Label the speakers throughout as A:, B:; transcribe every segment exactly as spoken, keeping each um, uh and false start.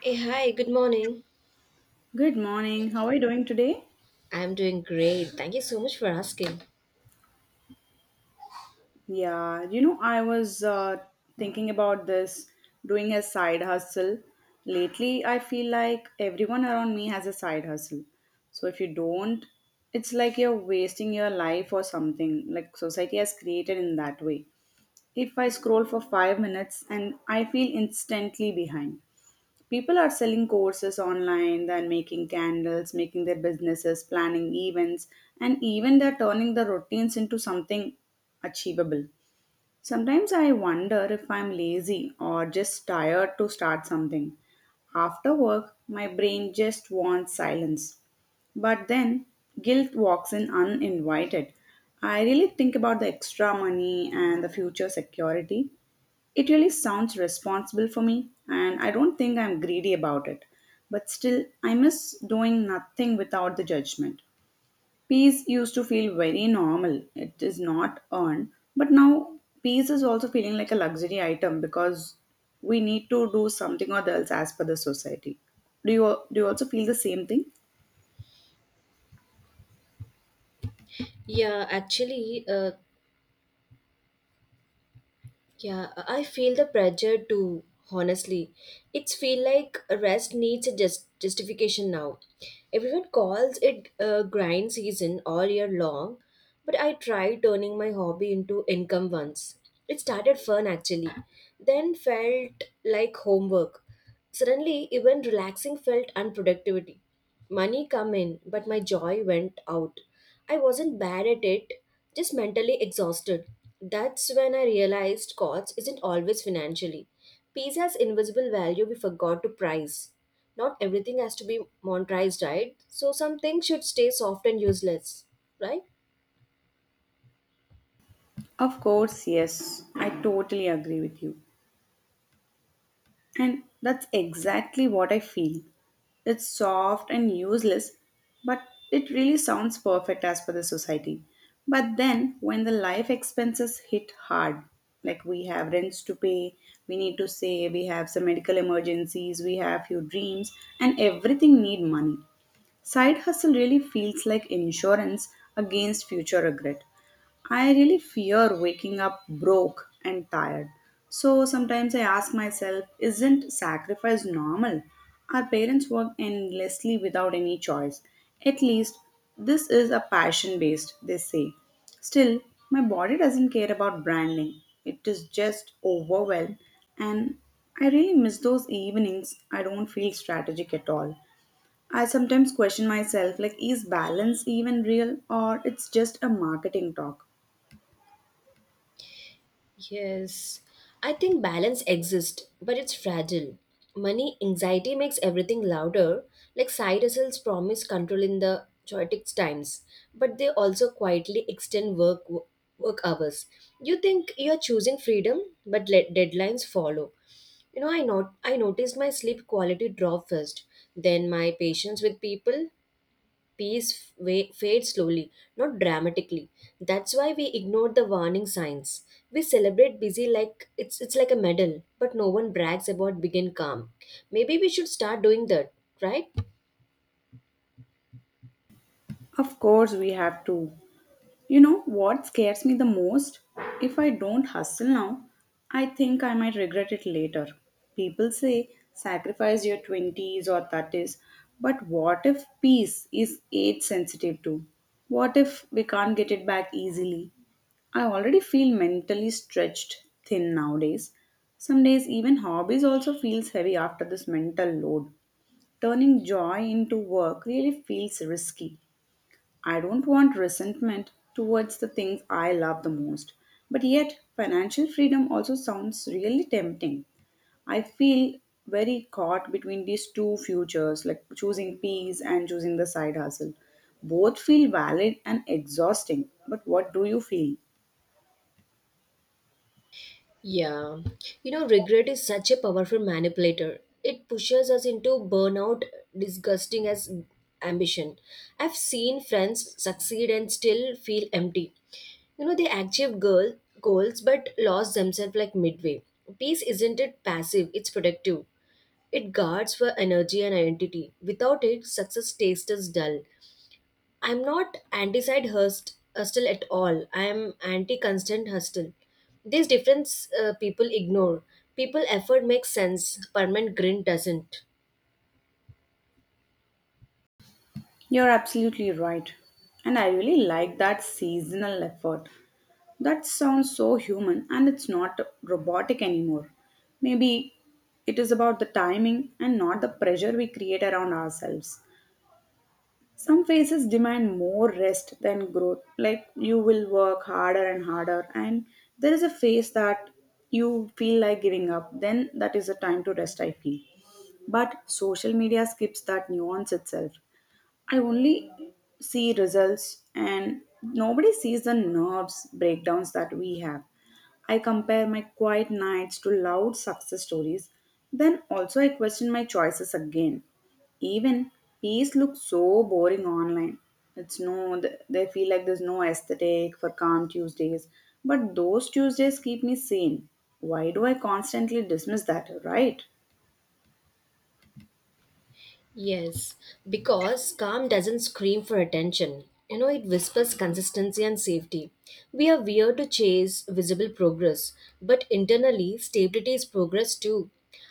A: Hey, hi, good morning.
B: Good morning. How are you doing today?
A: I'm doing great. Thank you so much for asking.
B: Yeah, you know, I was uh, thinking about this doing a side hustle. Lately, I feel like everyone around me has a side hustle. So if you don't, it's like you're wasting your life or something. Like society has created in that way. If I scroll for five minutes and I feel instantly behind. People are selling courses online, then making candles, making their businesses, planning events, and even they're turning the routines into something achievable. Sometimes I wonder if I'm lazy or just tired to start something. After work, my brain just wants silence. But then guilt walks in uninvited. I really think about the extra money and the future security. It really sounds responsible for me, and I don't think I'm greedy about it. But still, I miss doing nothing without the judgment. Peace used to feel very normal. It is not earned. But now peace is also feeling like a luxury item, because we need to do something or else as per the society. Do you do you also feel the same thing?
A: Yeah, actually, uh, yeah, I feel the pressure too, honestly. It's feel like rest needs a just justification now. Everyone calls it a grind season all year long, but I tried turning my hobby into income once. It started fun actually, then felt like homework. Suddenly, even relaxing felt unproductivity. Money come in, but my joy went out. I wasn't bad at it, just mentally exhausted. That's when I realized cost isn't always financially. Peace has invisible value we forgot to price. Not everything has to be monetized, right? So some things should stay soft and useless, right?
B: Of course, yes. I totally agree with you. And that's exactly what I feel. It's soft and useless, but it really sounds perfect as per the society. But then, when the life expenses hit hard, like we have rents to pay, we need to save, we have some medical emergencies, we have few dreams, and everything need money. Side hustle really feels like insurance against future regret. I really fear waking up broke and tired. So sometimes I ask myself, isn't sacrifice normal? Our parents work endlessly without any choice. At least this is a passion based, they say. Still, my body doesn't care about branding. It is just overwhelmed, and I really miss those evenings. I don't feel strategic at all. I sometimes question myself like, is balance even real, or it's just a marketing talk?
A: Yes, I think balance exists, but it's fragile. Money anxiety makes everything louder, like side hustles promise control in the chaotic times, but they also quietly extend work work hours. You think you're choosing freedom, but let deadlines follow. You know, I not I noticed my sleep quality drop first, then my patience with people. Peace wa- fades slowly, not dramatically. That's why we ignore the warning signs. We celebrate busy like it's it's like a medal, but no one brags about begin calm. Maybe we should start doing that, right?
B: Of course, we have to. You know what scares me the most? If I don't hustle now, I think I might regret it later. People say sacrifice your twenties or thirties, but what if peace is age sensitive too? What if we can't get it back easily? I already feel mentally stretched thin nowadays. Some days, even hobbies also feels heavy after this mental load. Turning joy into work really feels risky. I don't want resentment towards the things I love the most. But yet, financial freedom also sounds really tempting. I feel very caught between these two futures, like choosing peace and choosing the side hustle. Both feel valid and exhausting. But what do you feel?
A: Yeah. You know, regret is such a powerful manipulator. It pushes us into burnout, disgusting as ambition. I've seen friends succeed and still feel empty. You know, they achieve goal, goals but lost themselves like midway. Peace isn't it passive, it's productive. It guards for energy and identity. Without it, success tastes dull. I'm not anti-side hust- hustle at all. I am anti-constant hustle. These difference uh, people ignore. People effort makes sense, permanent grin doesn't.
B: You're absolutely right. And I really like that seasonal effort. That sounds so human, and it's not robotic anymore. Maybe it is about the timing and not the pressure we create around ourselves. Some phases demand more rest than growth, like you will work harder and harder, and there is a phase that you feel like giving up, then that is the time to rest, I feel. But social media skips that nuance itself. I only see results and nobody sees the nerves breakdowns that we have. I compare my quiet nights to loud success stories, then also I question my choices again. Even peace looks so boring online. It's no, th- they feel like there's no aesthetic for calm Tuesdays, but those Tuesdays keep me sane. Why do I constantly dismiss that, right?
A: Yes, because calm doesn't scream for attention. You know, it whispers consistency and safety. We are weird to chase visible progress, but internally, stability is progress too.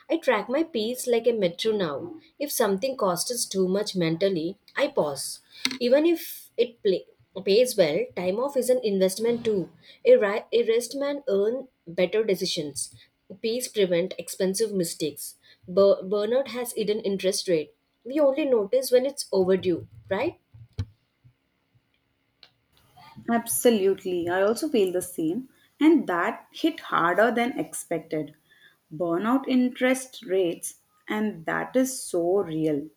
A: I track my peace like a metro now. If something costs us too much mentally, I pause. Even if it play, pays well, time off is an investment too. A, ri- a rest man earn better decisions. Peace prevent expensive mistakes. Bur- burnout has hidden interest rate we only notice when it's overdue, right?
B: Absolutely. I also feel the same. And that hit harder than expected. Burnout interest rates, and that is so real.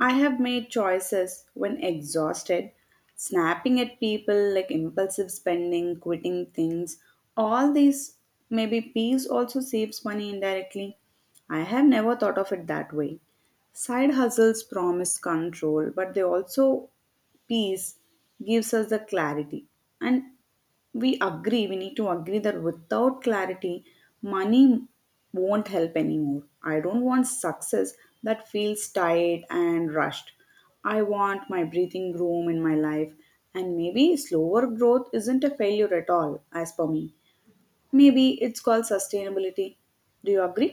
B: I have made choices when exhausted, snapping at people, like impulsive spending, quitting things. All these, maybe peace also saves money indirectly. I have never thought of it that way. Side hustles promise control, but they also, peace gives us the clarity. And we agree we need to agree that without clarity, money won't help anymore. I don't want success that feels tight and rushed. I want my breathing room in my life, and maybe slower growth isn't a failure at all, as per me. Maybe it's called sustainability. Do you agree?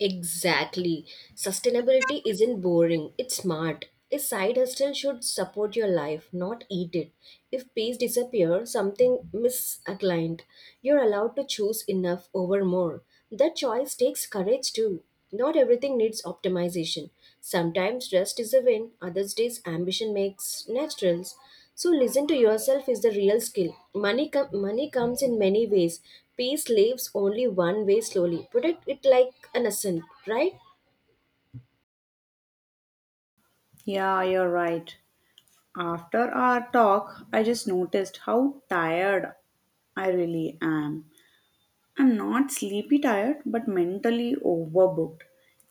A: Exactly. Sustainability isn't boring, it's smart. A side hustle should support your life, not eat it. If peace disappears, something misaligned. You're allowed to choose enough over more. That choice takes courage too. Not everything needs optimization. Sometimes rest is a win, other days ambition makes naturals. So listen to yourself is the real skill. Money com- money comes in many ways. Peace leaves only one way slowly. Protect it it like an ascent, right?
B: Yeah, you're right. After our talk, I just noticed how tired I really am. I'm not sleepy tired, but mentally overbooked.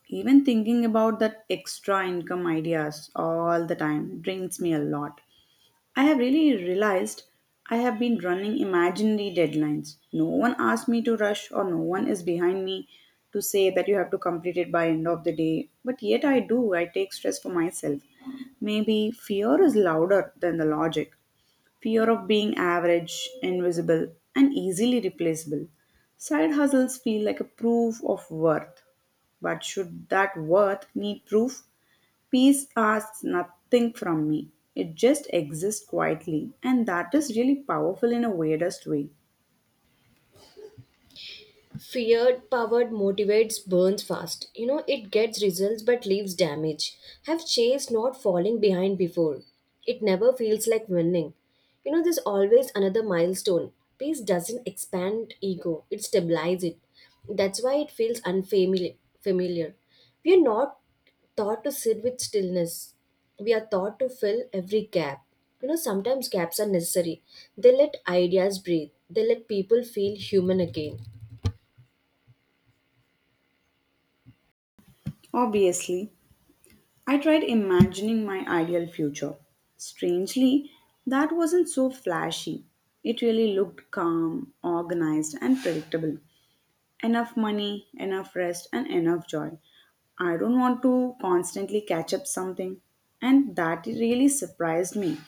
B: Even thinking about that extra income ideas all the time drains me a lot. I have really realized I have been running imaginary deadlines. No one asked me to rush, or no one is behind me to say that you have to complete it by end of the day. But yet I do. I take stress for myself. Maybe fear is louder than the logic. Fear of being average, invisible, and easily replaceable. Side hustles feel like a proof of worth. But should that worth need proof? Peace asks nothing from me. It just exists quietly, and that is really powerful in a weirdest way.
A: Fear powered motivates burns fast. You know, it gets results but leaves damage. Have chased not falling behind before. It never feels like winning. You know, there's always another milestone. Peace doesn't expand ego, it stabilizes it. That's why it feels unfamiliar. Familiar. We are not taught to sit with stillness. We are taught to fill every gap. You know, sometimes gaps are necessary. They let ideas breathe, they let people feel human again.
B: Obviously, I tried imagining my ideal future. Strangely, that wasn't so flashy. It really looked calm, organized, and predictable. Enough money, enough rest, and enough joy. I don't want to constantly catch up something. And that really surprised me.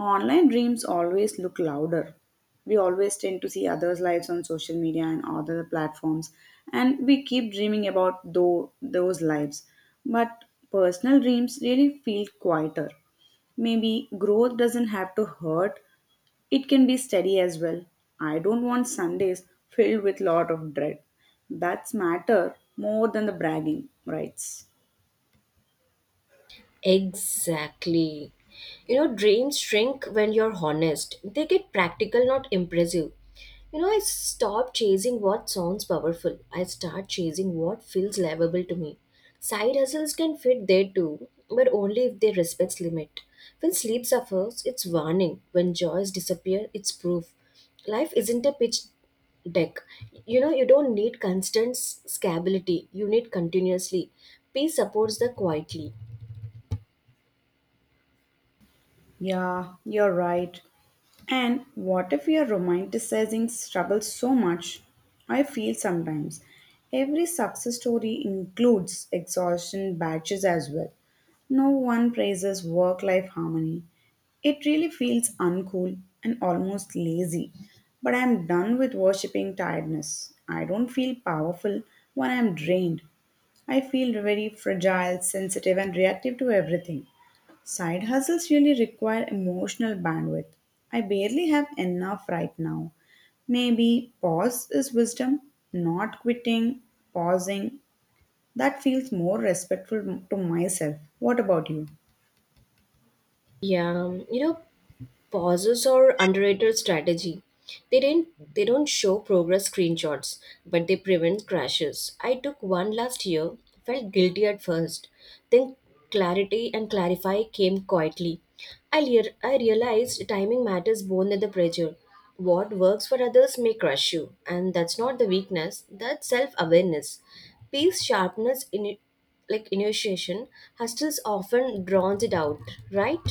B: Online dreams always look louder. We always tend to see others' lives on social media and other platforms, and we keep dreaming about tho- those lives. But personal dreams really feel quieter. Maybe growth doesn't have to hurt, it can be steady as well. I don't want Sundays filled with lot of dread. That's matter more than the bragging rights.
A: Exactly. You know, dreams shrink when you're honest. They get practical, not impressive. You know, I stop chasing what sounds powerful. I start chasing what feels livable to me. Side hustles can fit there too, but only if they respect limit. When sleep suffers, it's warning. When joys disappear, it's proof. Life isn't a pitch deck. You know, you don't need constant s- scalability. You need continuously. Peace supports the quietly.
B: Yeah, you're right. And what if we are romanticizing struggle so much? I feel sometimes every success story includes exhaustion batches as well. No one praises work life harmony. It really feels uncool and almost lazy. But I'm done with worshipping tiredness. I don't feel powerful when I'm drained. I feel very fragile, sensitive, and reactive to everything. Side hustles really require emotional bandwidth. I barely have enough right now. Maybe pause is wisdom, not quitting, pausing. That feels more respectful to myself. What about you?
A: Yeah, um, you know, pauses are underrated strategy. They didn't they don't show progress screenshots, but they prevent crashes. I took one last year, felt guilty at first. Then clarity and clarify came quietly. I lear- I realized timing matters more than the pressure. What works for others may crush you, and that's not the weakness, that's self-awareness. Peace, sharpness in like initiation, hustles often drowns it out, right?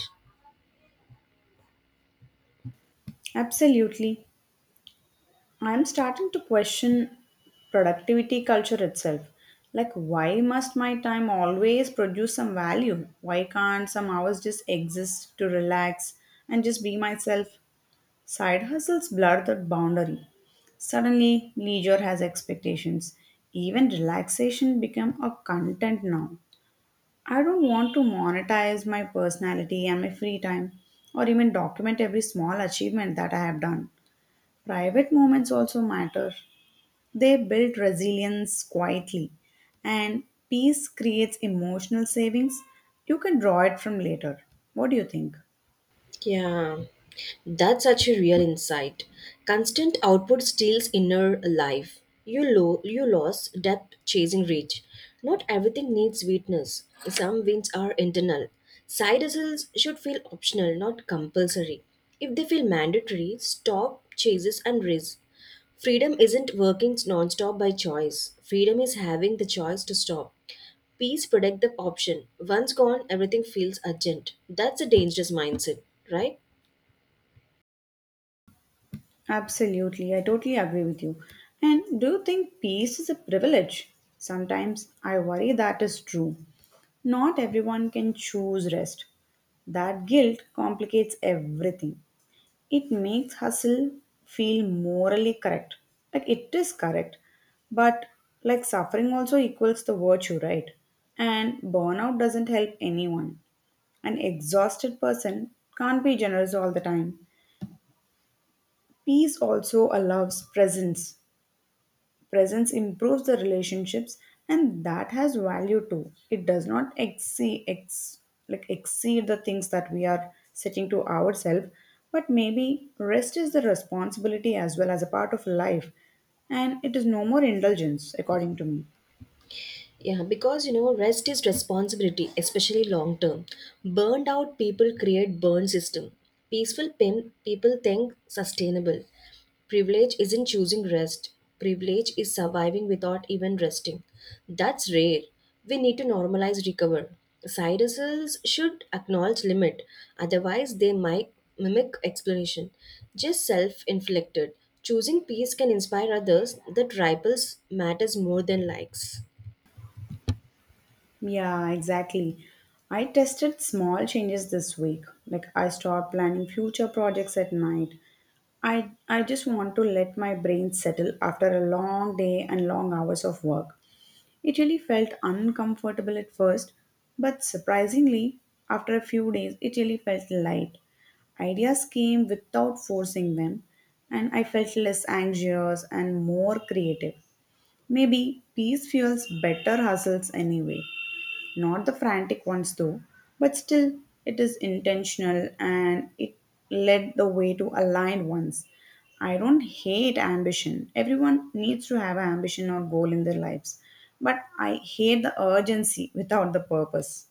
B: Absolutely. I'm starting to question productivity culture itself. Like, why must my time always produce some value? Why can't some hours just exist to relax and just be myself? Side hustles blur the boundary. Suddenly, leisure has expectations. Even relaxation become a content now. I don't want to monetize my personality and my free time, or even document every small achievement that I have done. Private moments also matter. They build resilience quietly, and peace creates emotional savings. You can draw it from later. What do you think?
A: Yeah, that's such a real insight. Constant output steals inner life. You lo- you lose depth chasing reach. Not everything needs sweetness. Some wins are internal. Side hustles should feel optional, not compulsory. If they feel mandatory, stop chases and risk. Freedom isn't working non-stop by choice. Freedom is having the choice to stop. Peace protect the option. Once gone, everything feels urgent. That's a dangerous mindset, right?
B: Absolutely, I totally agree with you. And do you think peace is a privilege? Sometimes I worry that is true. Not everyone can choose rest. That guilt complicates everything. It makes hustle feel morally correct. Like it is correct, but like suffering also equals the virtue, right? And burnout doesn't help anyone. An exhausted person can't be generous all the time. Peace also allows presence. Presence improves the relationships, and that has value too. It does not exceed, ex, like exceed the things that we are setting to ourselves, but maybe rest is the responsibility as well as a part of life, and it is no more indulgence, according to me.
A: Yeah, because you know, rest is responsibility, especially long term. Burned out people create burn system. Peaceful pim- people think sustainable. Privilege isn't choosing rest. Privilege is surviving without even resting. That's rare. We need to normalize recover. Side hustles should acknowledge limit, otherwise they might mimic explanation. Just self-inflicted. Choosing peace can inspire others that rivals matters more than likes.
B: Yeah, exactly. I tested small changes this week. Like I stopped planning future projects at night. I I just want to let my brain settle after a long day and long hours of work. It really felt uncomfortable at first, but surprisingly, after a few days, it really felt light. Ideas came without forcing them, and I felt less anxious and more creative. Maybe peace fuels better hustles anyway. Not the frantic ones though, but still it is intentional and it led the way to aligned ones. I don't hate ambition. Everyone needs to have an ambition or goal in their lives. But I hate the urgency without the purpose.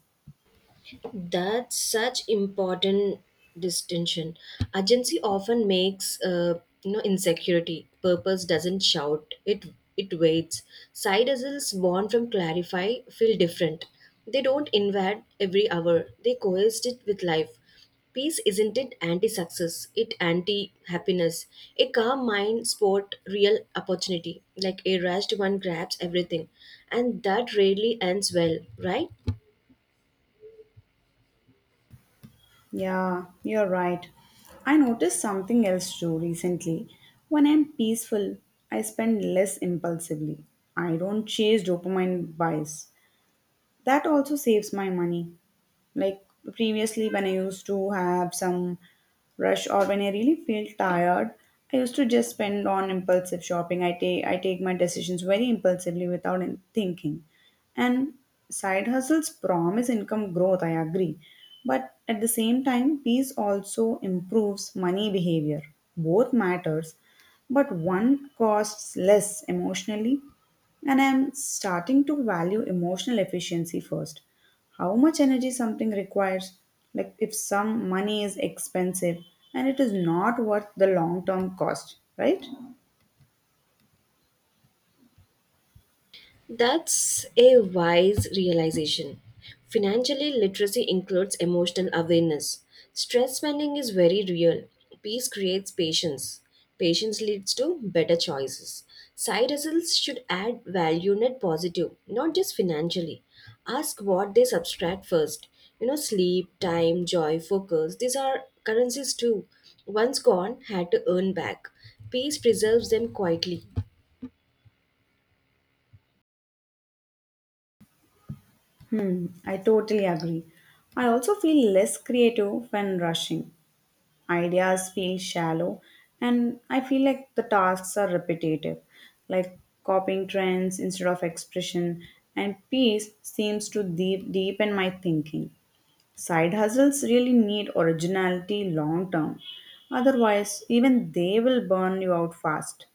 A: That's such important distinction. Agency often makes uh, you know insecurity. Purpose doesn't shout. It it waits. Side hustles born from clarify feel different. They don't invade every hour. They coexist it with life. Peace isn't it anti-success. It anti-happiness. A calm mind sport real opportunity. Like a rushed one grabs everything, and that rarely ends well, right?
B: Yeah, you're right. I noticed something else too recently. When I'm peaceful, I spend less impulsively. I don't chase dopamine buys. That also saves my money. Like previously, when I used to have some rush or when I really feel tired, I used to just spend on impulsive shopping. I take I take my decisions very impulsively without in- thinking. And side hustles promise income growth, I agree. But at the same time, peace also improves money behavior. Both matters, but one costs less emotionally. And I'm starting to value emotional efficiency first. How much energy something requires, like if some money is expensive and it is not worth the long term cost, right?
A: That's a wise realization. Financially, literacy includes emotional awareness. Stress spending is very real. Peace creates patience. Patience leads to better choices. Side hustles should add value net positive, not just financially. Ask what they subtract first. You know, sleep, time, joy, focus, these are currencies too. Once gone, had to earn back. Peace preserves them quietly.
B: Hmm, I totally agree. I also feel less creative when rushing. Ideas feel shallow, and I feel like the tasks are repetitive, like copying trends instead of expression. And peace seems to deep, deepen my thinking. Side hustles really need originality long term, otherwise even they will burn you out fast.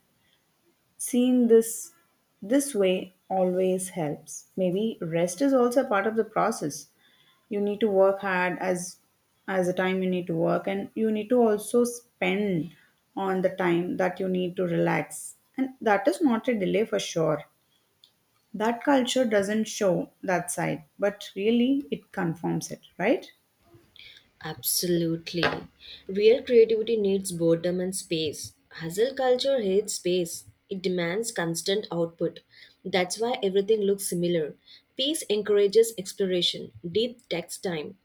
B: Seen this, this way always helps. Maybe rest is also a part of the process. You need to work hard as as the time you need to work, and you need to also spend on the time that you need to relax, and that is not a delay for sure. That culture doesn't show that side, but really it confirms it, right?
A: Absolutely. Real creativity needs boredom and space. Hustle culture hates space, it demands constant output. That's why everything looks similar. Peace encourages exploration, deep takes time.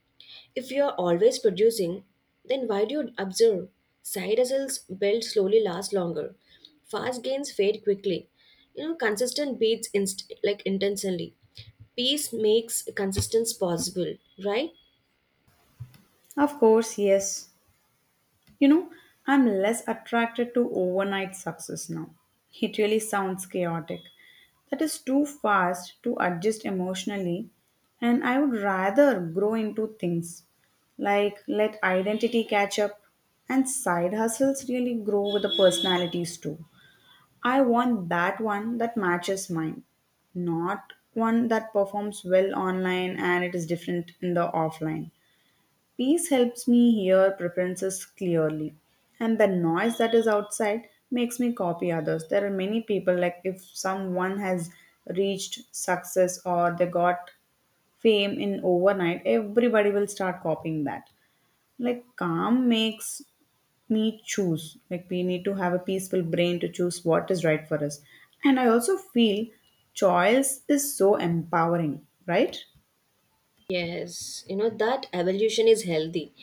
A: If you are always producing, then why do you observe? Side hustles built slowly last longer. Fast gains fade quickly. You know, consistent beats inst- like intensely. Peace makes consistence possible, right?
B: Of course, yes. You know, I'm less attracted to overnight success now. It really sounds chaotic. That is too fast to adjust emotionally, and I would rather grow into things, like let identity catch up, and side hustles really grow with the personalities too. I want that one that matches mine, not one that performs well online and it is different in the offline. Peace helps me hear preferences clearly, and the noise that is outside makes me copy others. There are many people, like if someone has reached success or they got fame in overnight, everybody will start copying that. Like, calm makes me choose. Like, we need to have a peaceful brain to choose what is right for us. And I also feel choice is so empowering, right?
A: Yes, you know that evolution is healthy.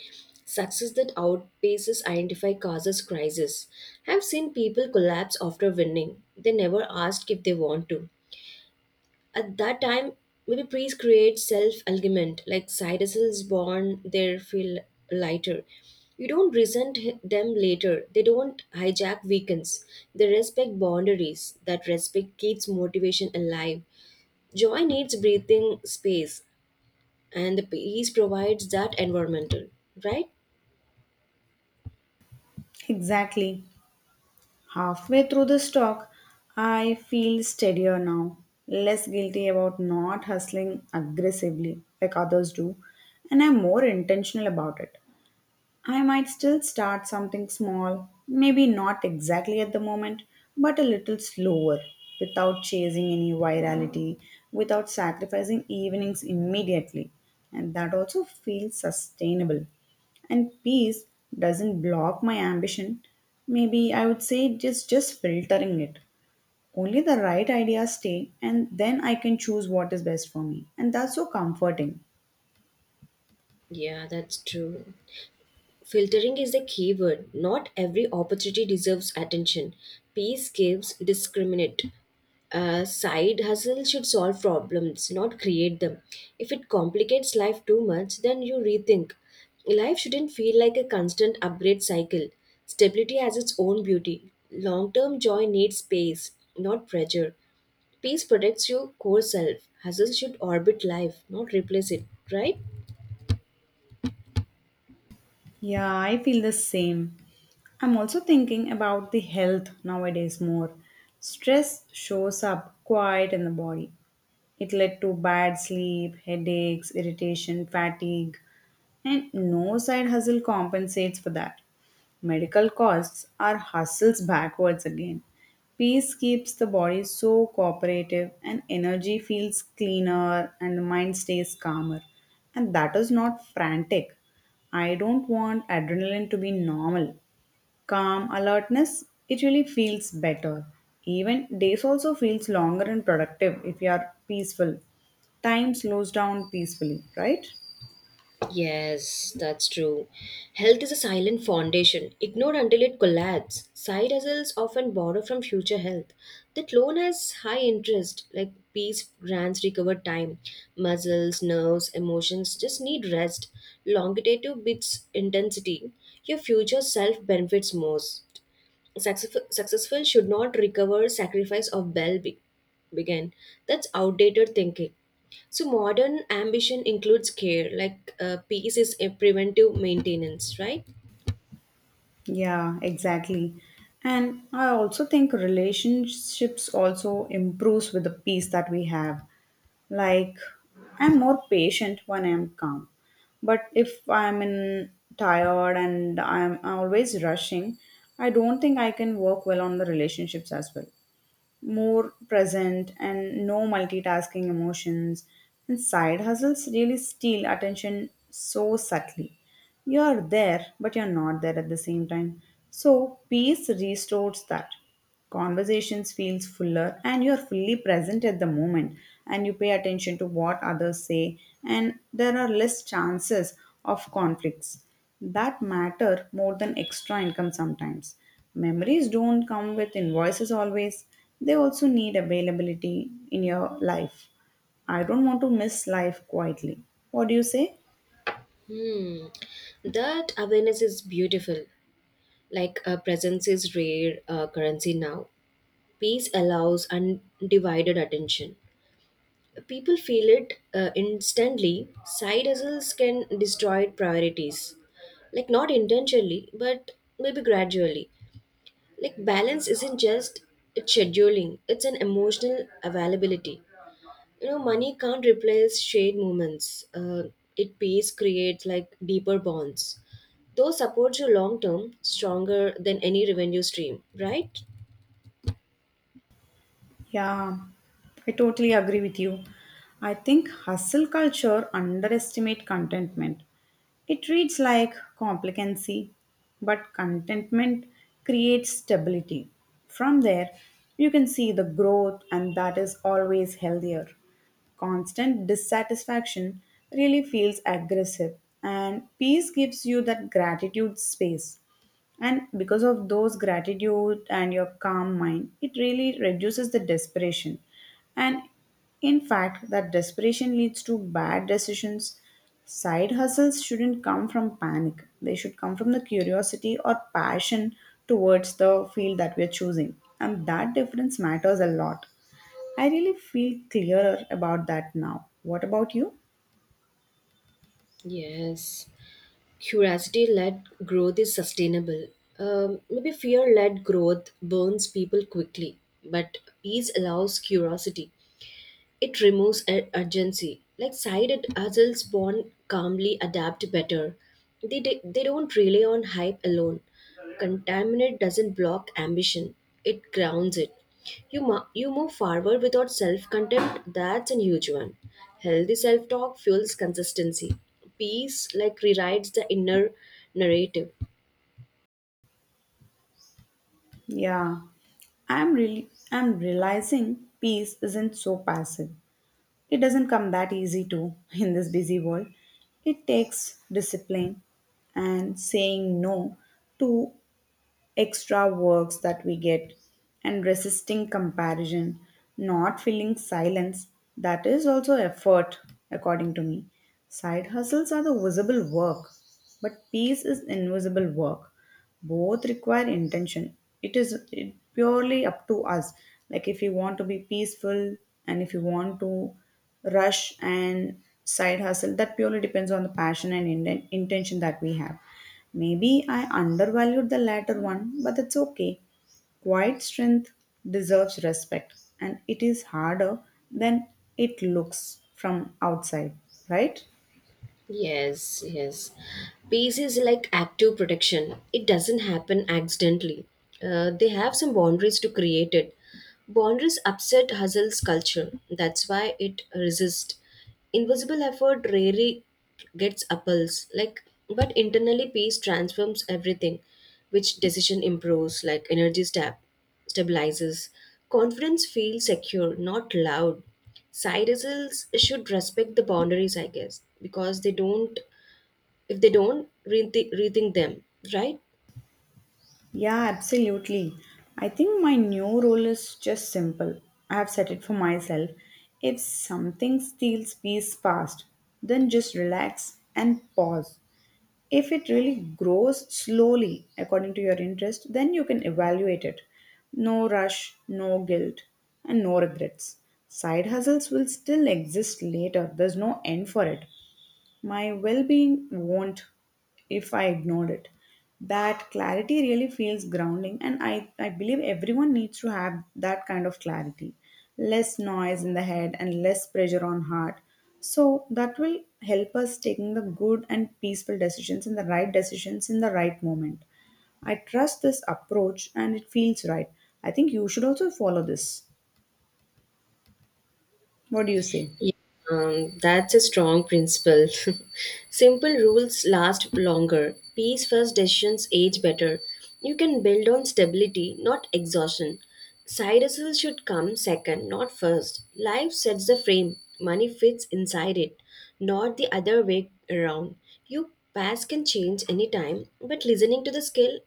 A: Success that outpaces identify causes crisis. I've seen people collapse after winning. They never asked if they want to. At that time, maybe priests create self-argument, like Cyrus's born, they feel lighter. You don't resent h- them later. They don't hijack weekends. They respect boundaries. That respect keeps motivation alive. Joy needs breathing space and the piece provides that environmental, right?
B: Exactly. Halfway through the talk, I feel steadier now, less guilty about not hustling aggressively like others do, and I'm more intentional about it. I might still start something small, maybe not exactly at the moment, but a little slower, without chasing any virality, without sacrificing evenings immediately. And that also feels sustainable. And peace doesn't block my ambition. Maybe I would say just just filtering it. Only the right ideas stay, and then I can choose what is best for me. And that's so comforting.
A: Yeah, that's true. Filtering is the key word. Not every opportunity deserves attention. Peace gives discriminate. A side hustle should solve problems, not create them. If it complicates life too much, then you rethink. Life shouldn't feel like a constant upgrade cycle. Stability has its own beauty. Long term joy needs space, not pressure. Peace protects your core self. Hustle should orbit life, not replace it, right?
B: Yeah, I feel the same. I'm also thinking about the health nowadays more. Stress shows up quite in the body. It led to bad sleep, headaches, irritation, fatigue, and no side hustle compensates for that. Medical costs are hustles backwards again. Peace keeps the body so cooperative, and energy feels cleaner, and the mind stays calmer. And that is not frantic. I don't want adrenaline to be normal. Calm alertness, it really feels better. Even days also feels longer and productive if you are peaceful. Time slows down peacefully, right?
A: Yes, that's true. Health is a silent foundation, ignored until it collapses. Side hustles often borrow from future health. That loan has high interest, like peace grants recover time. Muscles, nerves, emotions just need rest. Longitative beats intensity. Your future self benefits most. Successful, successful should not recover sacrifice of well be- began. That's outdated thinking. So modern ambition includes care, like uh, peace is a preventive maintenance, right?
B: Yeah, exactly. And I also think relationships also improves with the peace that we have. Like I'm more patient when I'm calm. But if I'm in tired and I'm always rushing, I don't think I can work well on the relationships as well. More present and no multitasking emotions. And side hustles really steal attention so subtly. You're there, but you're not there at the same time. So peace restores that. Conversations feels fuller, and you're fully present at the moment, and you pay attention to what others say, and there are less chances of conflicts that matter more than extra income sometimes. Memories don't come with invoices always, they also need availability in your life. I don't want to miss life quietly. What do you say?
A: Hmm. That awareness is beautiful. Like uh, presence is rare uh, currency now. Peace allows undivided attention. People feel it uh, instantly. Side hustles can destroy priorities. Like, not intentionally, but maybe gradually. Like, balance isn't just it's scheduling, it's an emotional availability. You know, money can't replace shared moments. Uh, it pays, creates like deeper bonds. Those support you long term, stronger than any revenue stream, right?
B: Yeah, I totally agree with you. I think hustle culture underestimate contentment. It reads like complacency, but contentment creates stability. From there, you can see the growth, and that is always healthier. Constant dissatisfaction really feels aggressive, and peace gives you that gratitude space. And because of those gratitude and your calm mind, it really reduces the desperation. And in fact, that desperation leads to bad decisions. Side hustles shouldn't come from panic, they should come from the curiosity or passion towards the field that we're choosing. And that difference matters a lot. I really feel clearer about that now. What about you?
A: Yes. Curiosity led growth is sustainable. Um, maybe fear led growth burns people quickly, but peace allows curiosity. It removes ur- urgency. Like sided adults born calmly adapt better. They, they, they don't rely on hype alone. Contaminate doesn't block ambition, it grounds it. You, mu- you move forward without self contempt, that's a huge one. Healthy self talk fuels consistency. Peace, like, rewrites the inner narrative.
B: Yeah, I'm really I'm realizing peace isn't so passive. It doesn't come that easy to in this busy world. It takes discipline, and saying no to extra works that we get, and resisting comparison, not feeling silence, that is also effort. According to me, side hustles are the visible work, but peace is invisible work. Both require intention. It is it purely up to us. Like, if you want to be peaceful, and if you want to rush and side hustle, that purely depends on the passion and inten- intention that we have. Maybe I undervalued the latter one, but that's okay. Quiet strength deserves respect, and it is harder than it looks from outside, right?
A: Yes, yes. Peace is like active protection. It doesn't happen accidentally. Uh, they have some boundaries to create it. Boundaries upset hustle's culture. That's why it resists. Invisible effort rarely gets apples. Like, but internally, peace transforms everything, which decision improves, like energy stab stabilizes. Confidence feels secure, not loud. Side hustles should respect the boundaries, I guess, because they don't, if they don't, rethink, rethink them, right?
B: Yeah, absolutely. I think my new rule is just simple. I have set it for myself. If something steals peace fast, then just relax and pause. If it really grows slowly according to your interest, then you can evaluate it. No rush, no guilt, and no regrets. Side hustles will still exist later, there's no end for it. My well being won't if I ignored it. That clarity really feels grounding, and I, I believe everyone needs to have that kind of clarity. Less noise in the head and less pressure on heart. So that will help us taking the good and peaceful decisions and the right decisions in the right moment. I trust this approach, and it feels right. I think you should also follow this. What do you say?
A: Yeah, um, that's a strong principle. Simple rules last longer. Peace first decisions age better. You can build on stability, not exhaustion. Side hustle should come second, not first. Life sets the frame, money fits inside it, not the other way around. Your past can change anytime, but listening to the skill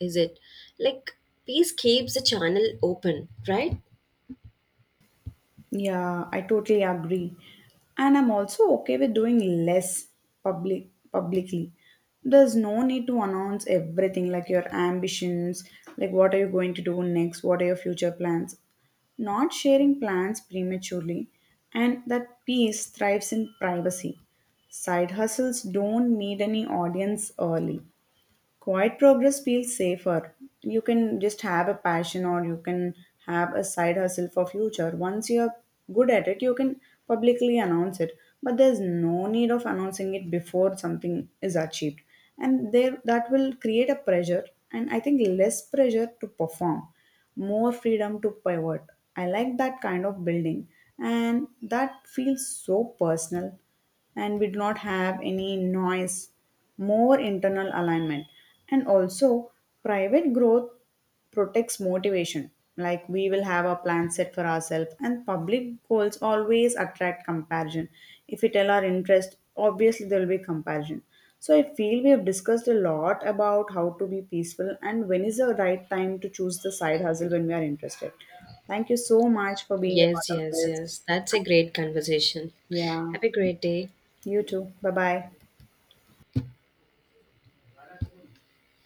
A: is it like peace keeps the channel open, right?
B: Yeah, I totally agree. And I'm also okay with doing less public publicly. There's no need to announce everything like your ambitions, like what are you going to do next, what are your future plans. Not sharing plans prematurely, and that peace thrives in privacy. Side hustles don't need any audience early. Quiet progress feels safer. You can just have a passion, or you can have a side hustle for future. Once you're good at it, you can publicly announce it. But there's no need of announcing it before something is achieved. And there that will create a pressure, and I think less pressure to perform, more freedom to pivot. I like that kind of building, and that feels so personal, and we do not have any noise, more internal alignment. And also, private growth protects motivation. Like, we will have a plan set for ourselves, and public goals always attract comparison. If we tell our interest, obviously there will be comparison. So I feel we have discussed a lot about how to be peaceful and when is the right time to choose the side hustle when we are interested. Thank you so much for being a
A: Yes,
B: part of
A: yes,
B: this.
A: yes. That's a great conversation.
B: Yeah,
A: Have a great day.
B: you too. Bye bye.